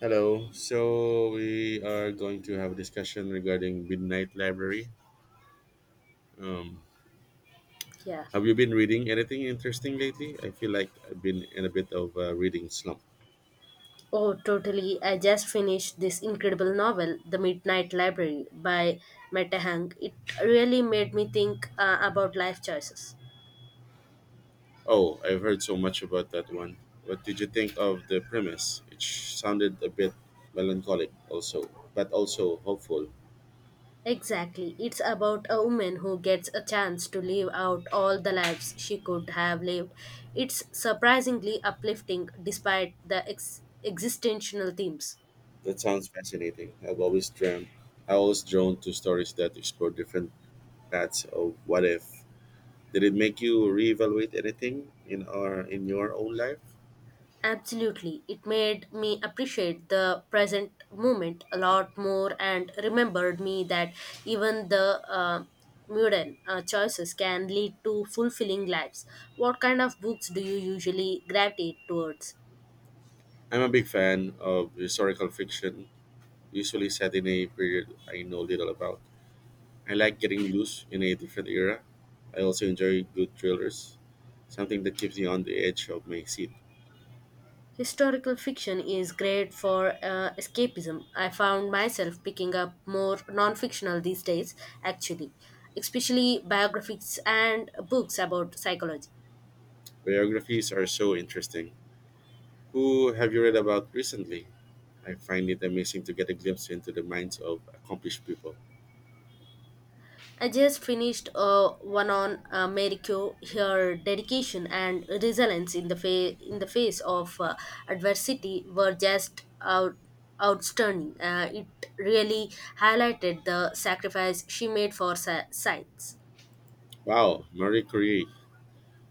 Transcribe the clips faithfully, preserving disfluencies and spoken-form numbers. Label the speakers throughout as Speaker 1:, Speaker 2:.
Speaker 1: Hello. So we are going to have a discussion regarding Midnight Library. Um,
Speaker 2: Yeah.
Speaker 1: have you been reading anything interesting lately? I feel like I've been in a bit of a reading slump.
Speaker 2: Oh, totally. I just finished this incredible novel, The Midnight Library by Meta Hang. It really made me think uh, about life choices.
Speaker 1: Oh, I've heard so much about that one. What did you think of the premise? It sh- sounded a bit melancholic, also, but also hopeful.
Speaker 2: Exactly. It's about a woman who gets a chance to live out all the lives she could have lived. It's surprisingly uplifting despite the ex- existential themes.
Speaker 1: That sounds fascinating. I've always dreamt, I always drawn to stories that explore different paths of what if. Did it make you reevaluate anything in our in your own life?
Speaker 2: Absolutely. It made me appreciate the present moment a lot more and remembered me that even the uh, modern uh, choices can lead to fulfilling lives. What kind of books do you usually gravitate towards?
Speaker 1: I'm a big fan of historical fiction, usually set in a period I know little about. I like getting loose in a different era. I also enjoy good thrillers, something that keeps me on the edge of my seat.
Speaker 2: Historical fiction is great for uh, escapism. I found myself picking up more non fictional these days, actually, especially biographies and books about psychology.
Speaker 1: Biographies are so interesting. Who have you read about recently? I find it amazing to get a glimpse into the minds of accomplished people.
Speaker 2: I just finished uh, one on uh, Mary Kay, her dedication and resilience in the fa- in the face of uh, adversity were just out- outstanding. Uh, it really highlighted the sacrifice she made for sa- science.
Speaker 1: Wow, Marie Curie.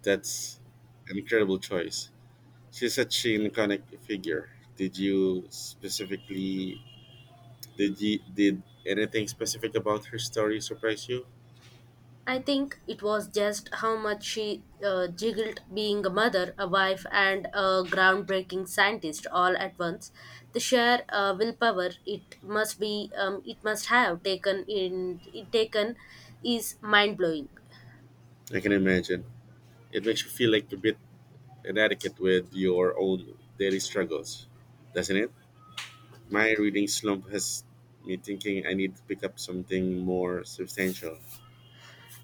Speaker 1: That's an incredible choice. She's such an iconic figure. Did you specifically Did you did anything specific about her story surprise you?
Speaker 2: I think it was just how much she uh, jiggled being a mother, a wife, and a groundbreaking scientist all at once. The sheer uh, willpower it must be, um, it must have taken in it taken, is mind blowing.
Speaker 1: I can imagine. It makes you feel like a bit inadequate with your own daily struggles, doesn't it? My reading slump has me thinking I need to pick up something more substantial.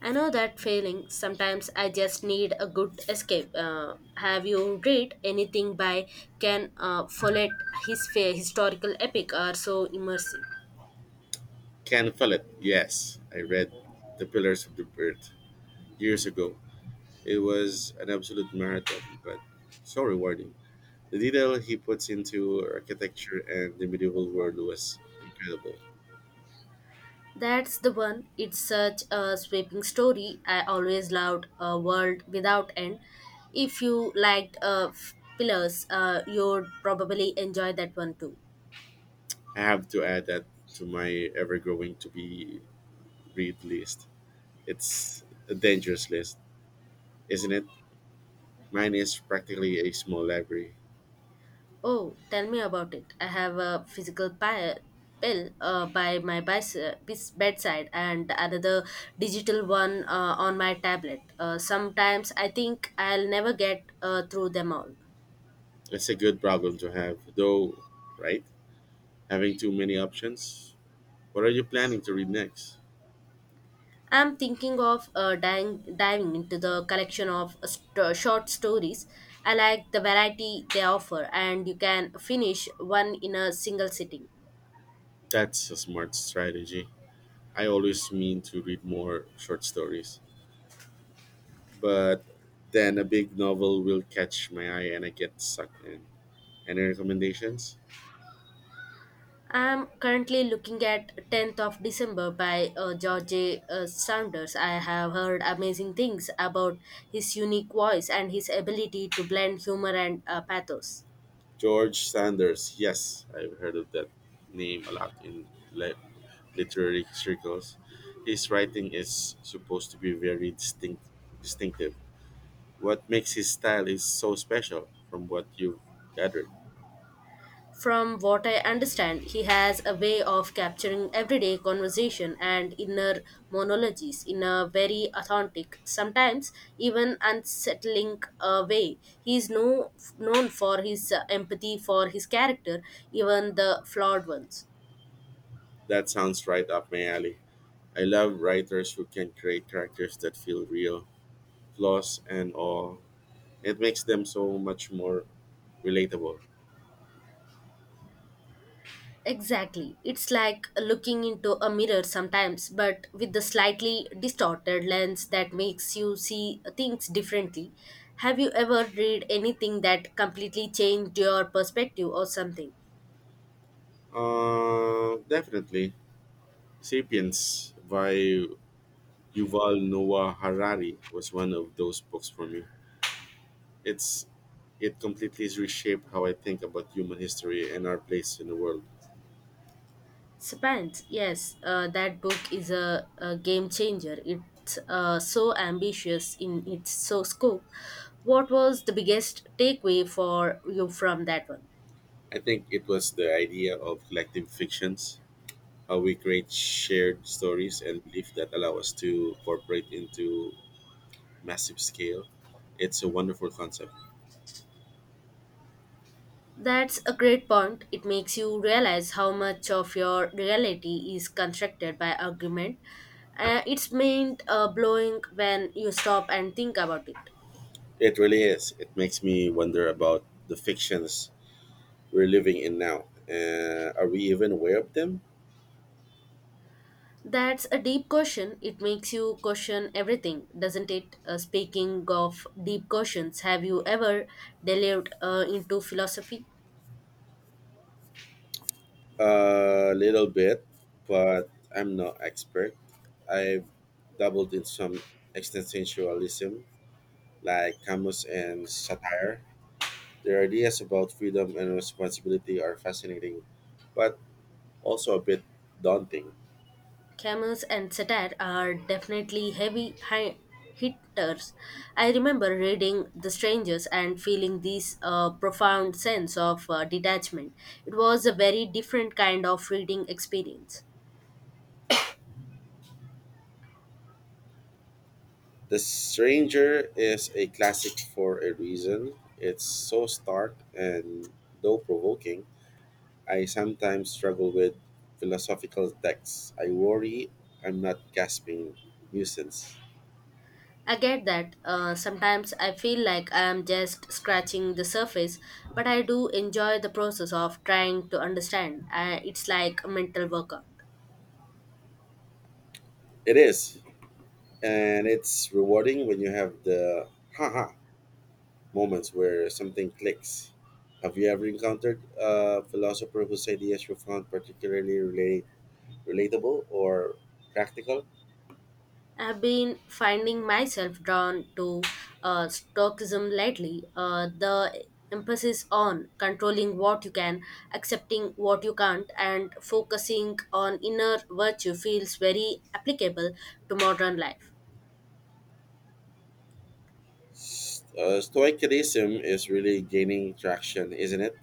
Speaker 2: I know that feeling. Sometimes I just need a good escape. Uh, have you read anything by Ken uh, Follett? His fa- historical epic are so immersive.
Speaker 1: Can feel it. Yes, I read The Pillars of the Earth years ago. It was an absolute marathon, but so rewarding. The detail he puts into architecture and the medieval world was incredible.
Speaker 2: That's the one. It's such a sweeping story. I always loved A World Without End. If you liked uh, F- Pillars, uh, you'd probably enjoy that one too.
Speaker 1: I have to add that to my ever growing to be read list. It's a dangerous list, isn't it? Mine is practically a small library.
Speaker 2: Oh, tell me about it. I have a physical pi- pill uh, by my bis- bis- bedside and another digital one uh, on my tablet. Uh, sometimes I think I'll never get uh, through them all.
Speaker 1: It's a good problem to have, though, right? Having too many options. What are you planning to read next?
Speaker 2: I'm thinking of uh, diving diving into the collection of st- short stories. I like the variety they offer, and you can finish one in a single sitting.
Speaker 1: That's a smart strategy. I always mean to read more short stories, but then a big novel will catch my eye and I get sucked in. Any recommendations?
Speaker 2: I'm currently looking at tenth of December by uh, George A. uh, Saunders. I have heard amazing things about his unique voice and his ability to blend humor and uh, pathos.
Speaker 1: George Sanders. Yes, I've heard of that name a lot in li- literary circles. His writing is supposed to be very distinct, distinctive. What makes his style is so special from what you've gathered?
Speaker 2: From what I understand, he has a way of capturing everyday conversation and inner monologues in a very authentic, sometimes even unsettling uh, way. He is no, Known for his uh, empathy for his character, even the flawed ones.
Speaker 1: That sounds right up my alley. I love writers who can create characters that feel real, flaws and all. It makes them so much more relatable.
Speaker 2: Exactly. It's like looking into a mirror sometimes, but with the slightly distorted lens that makes you see things differently. Have you ever read anything that completely changed your perspective or something?
Speaker 1: Uh, definitely. Sapiens by Yuval Noah Harari was one of those books for me. It's it completely reshaped how I think about human history and our place in the world.
Speaker 2: Spans, yes, uh, that book is a, a game changer. It's uh, so ambitious in its so scope. What was the biggest takeaway for you from that one?
Speaker 1: I think it was the idea of collective fictions, how we create shared stories and belief that allow us to incorporate into massive scale. It's a wonderful concept.
Speaker 2: That's a great point. It makes you realize how much of your reality is constructed by argument. Uh, it's meant uh, blowing when you stop and think about it.
Speaker 1: It really is. It makes me wonder about the fictions we're living in now. Uh, are we even aware of them?
Speaker 2: That's a deep question. It makes you question everything, doesn't it? Uh, speaking of deep questions, have you ever delved uh, into philosophy?
Speaker 1: A little bit, but I'm no expert. I dabbled in some existentialism, like Camus and satire. Their ideas about freedom and responsibility are fascinating, but also a bit daunting.
Speaker 2: Camus and satire are definitely heavy hi- hitters. I remember reading The Strangers and feeling this uh, profound sense of uh, detachment. It was a very different kind of reading experience.
Speaker 1: The Stranger is a classic for a reason. It's so stark and, though provoking, I sometimes struggle with philosophical texts. I worry I'm not gasping nuisance.
Speaker 2: I get that uh, sometimes I feel like I am just scratching the surface, but I do enjoy the process of trying to understand. I, it's like a mental workout.
Speaker 1: It is, and it's rewarding when you have the haha moments where something clicks. Have you ever encountered a philosopher whose ideas you found particularly relate- relatable or practical?
Speaker 2: I've been finding myself drawn to uh, Stoicism lately. Uh, the emphasis on controlling what you can, accepting what you can't, and focusing on inner virtue feels very applicable to modern life.
Speaker 1: S- Uh, Stoicism is really gaining traction, isn't it?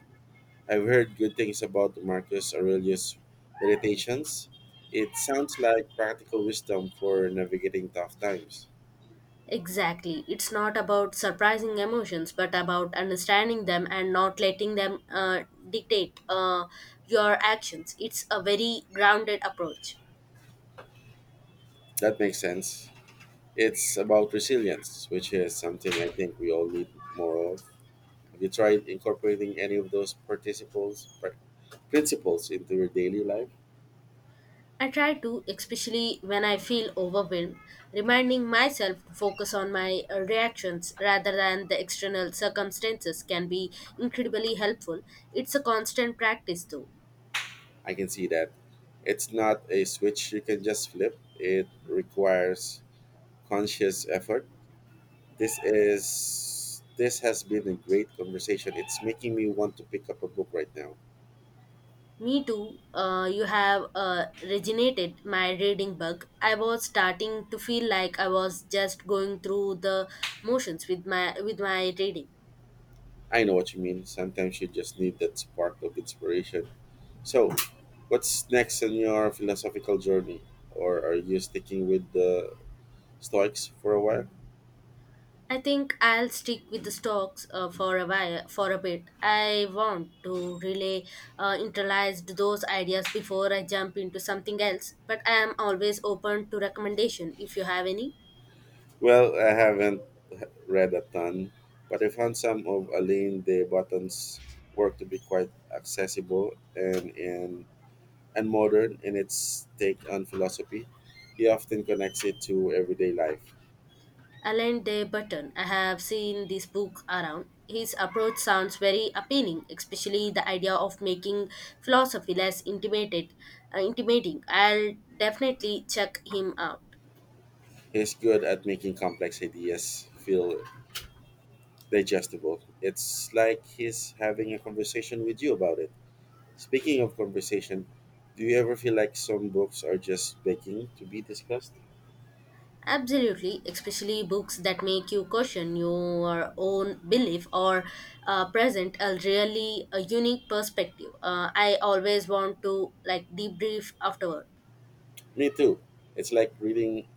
Speaker 1: I've heard good things about Marcus Aurelius' meditations. It sounds like practical wisdom for navigating tough times.
Speaker 2: Exactly. It's not about surprising emotions, but about understanding them and not letting them uh, dictate uh, your actions. It's a very grounded approach.
Speaker 1: That makes sense. It's about resilience, which is something I think we all need more of. Have you tried incorporating any of those participles, pr- principles into your daily life?
Speaker 2: I try to, especially when I feel overwhelmed, reminding myself to focus on my uh, reactions rather than the external circumstances can be incredibly helpful. It's a constant practice, though.
Speaker 1: I can see that it's not a switch you can just flip. It requires conscious effort. This is this has been a great conversation. It's making me want to pick up a book right now.
Speaker 2: Me too, uh, you have uh, regenerated my reading bug. I was starting to feel like I was just going through the motions with my with my reading.
Speaker 1: I know what you mean. Sometimes you just need that spark of inspiration. So, what's next in your philosophical journey, or are you sticking with the Stoics for a while?
Speaker 2: I think I'll stick with the stocks uh, for a while, for a bit. I want to really uh, internalize those ideas before I jump into something else. But I am always open to recommendation if you have any.
Speaker 1: Well, I haven't h- read a ton, but I found some of Alain de Botton's work to be quite accessible and and, and modern in its take on philosophy. He often connects it to everyday life.
Speaker 2: Alan De Button. I have seen this book around. His approach sounds very appealing, especially the idea of making philosophy less intimated, uh, intimidating. I'll definitely check him out.
Speaker 1: He's good at making complex ideas feel digestible. It's like he's having a conversation with you about it. Speaking of conversation, do you ever feel like some books are just begging to be discussed?
Speaker 2: Absolutely, especially books that make you question your own belief or uh, present a really a unique perspective. Uh, I always want to like debrief afterward.
Speaker 1: Me too. It's like reading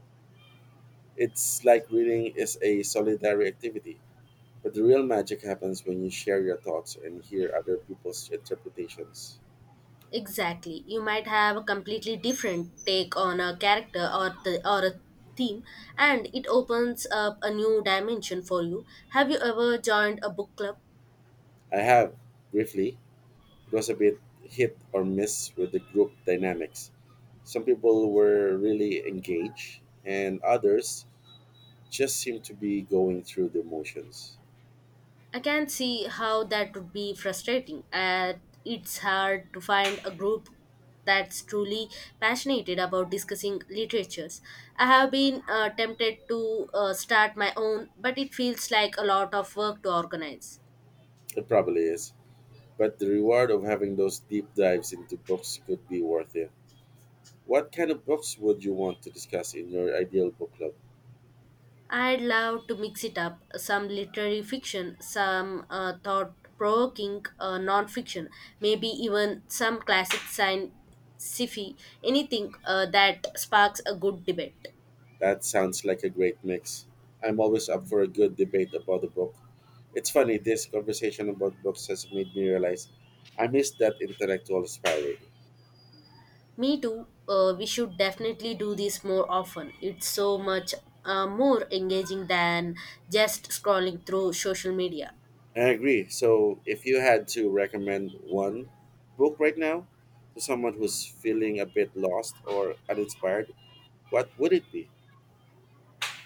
Speaker 1: it's like reading is a solitary activity. But the real magic happens when you share your thoughts and hear other people's interpretations.
Speaker 2: Exactly, you might have a completely different take on a character or the or a theme, and it opens up a new dimension for you. Have you ever joined a book club?
Speaker 1: I have, briefly, it was a bit hit or miss with the group dynamics. Some people were really engaged and others just seemed to be going through the motions.
Speaker 2: I can see how that would be frustrating. Uh, it's hard to find a group that's truly passionate about discussing literatures. I have been uh, tempted to uh, start my own, but it feels like a lot of work to organize.
Speaker 1: It probably is. But the reward of having those deep dives into books could be worth it. What kind of books would you want to discuss in your ideal book club?
Speaker 2: I'd love to mix it up some literary fiction, some uh, thought provoking uh, non fiction, maybe even some classic science sci-fi, anything uh, that sparks a good debate.
Speaker 1: That sounds like a great mix. I'm always up for a good debate about a book. It's funny, this conversation about books has made me realize I miss that intellectual sparring.
Speaker 2: Me too. Uh, we should definitely do this more often. It's so much uh, more engaging than just scrolling through social media.
Speaker 1: I agree. So, if you had to recommend one book right now to someone who's feeling a bit lost or uninspired, what would it be?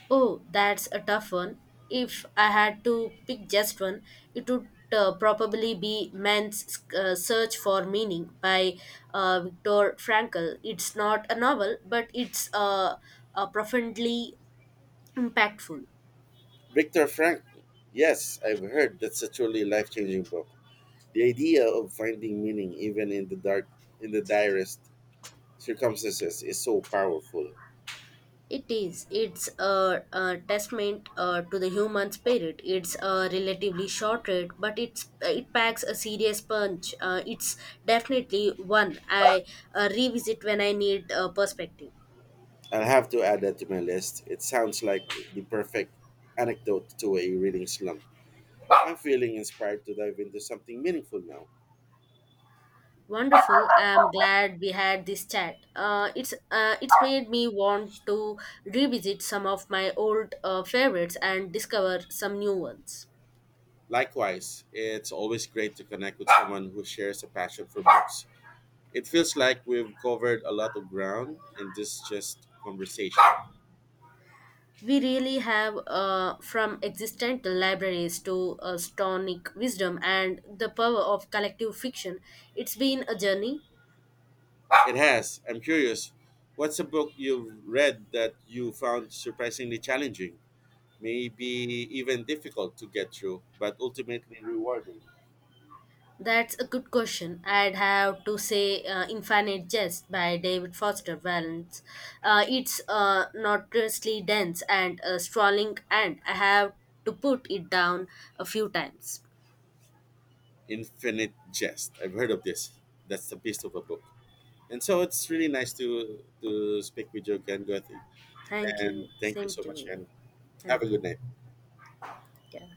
Speaker 2: Oh, that's a tough one. If I had to pick just one, it would uh, probably be Man's uh, Search for Meaning by uh, Viktor Frankl. It's not a novel, but it's uh, uh, profoundly impactful.
Speaker 1: Viktor Frankl. Yes, I've heard that's a truly life-changing book. The idea of finding meaning even in the dark in the direst circumstances is so powerful.
Speaker 2: It is. It's a, a testament uh, to the human spirit. It's a relatively short read, but it's it packs a serious punch. Uh, it's definitely one I uh, revisit when I need uh, perspective.
Speaker 1: I'll have to add that to my list. It sounds like the perfect anecdote to a reading slump. I'm feeling inspired to dive into something meaningful now.
Speaker 2: Wonderful. I'm glad we had this chat. Uh, it's uh, it's made me want to revisit some of my old uh, favorites and discover some new ones.
Speaker 1: Likewise, it's always great to connect with someone who shares a passion for books. It feels like we've covered a lot of ground in this just conversation.
Speaker 2: We really have, uh, from existent libraries to uh, stonic wisdom and the power of collective fiction. It's been a journey.
Speaker 1: It has. I'm curious. What's a book you've read that you found surprisingly challenging, maybe even difficult to get through, but ultimately rewarding?
Speaker 2: That's a good question. I'd have to say uh, Infinite Jest by David Foster Wallace. Uh, it's uh, notoriously dense and uh, sprawling, and I have to put it down a few times.
Speaker 1: Infinite Jest. I've heard of this. That's the beast of a book. And so it's really nice to to speak with you again, Gothi.
Speaker 2: Thank
Speaker 1: And
Speaker 2: you.
Speaker 1: thank you so
Speaker 2: Thank
Speaker 1: much,
Speaker 2: you.
Speaker 1: and have a
Speaker 2: Thank you.
Speaker 1: good night.
Speaker 2: Yeah.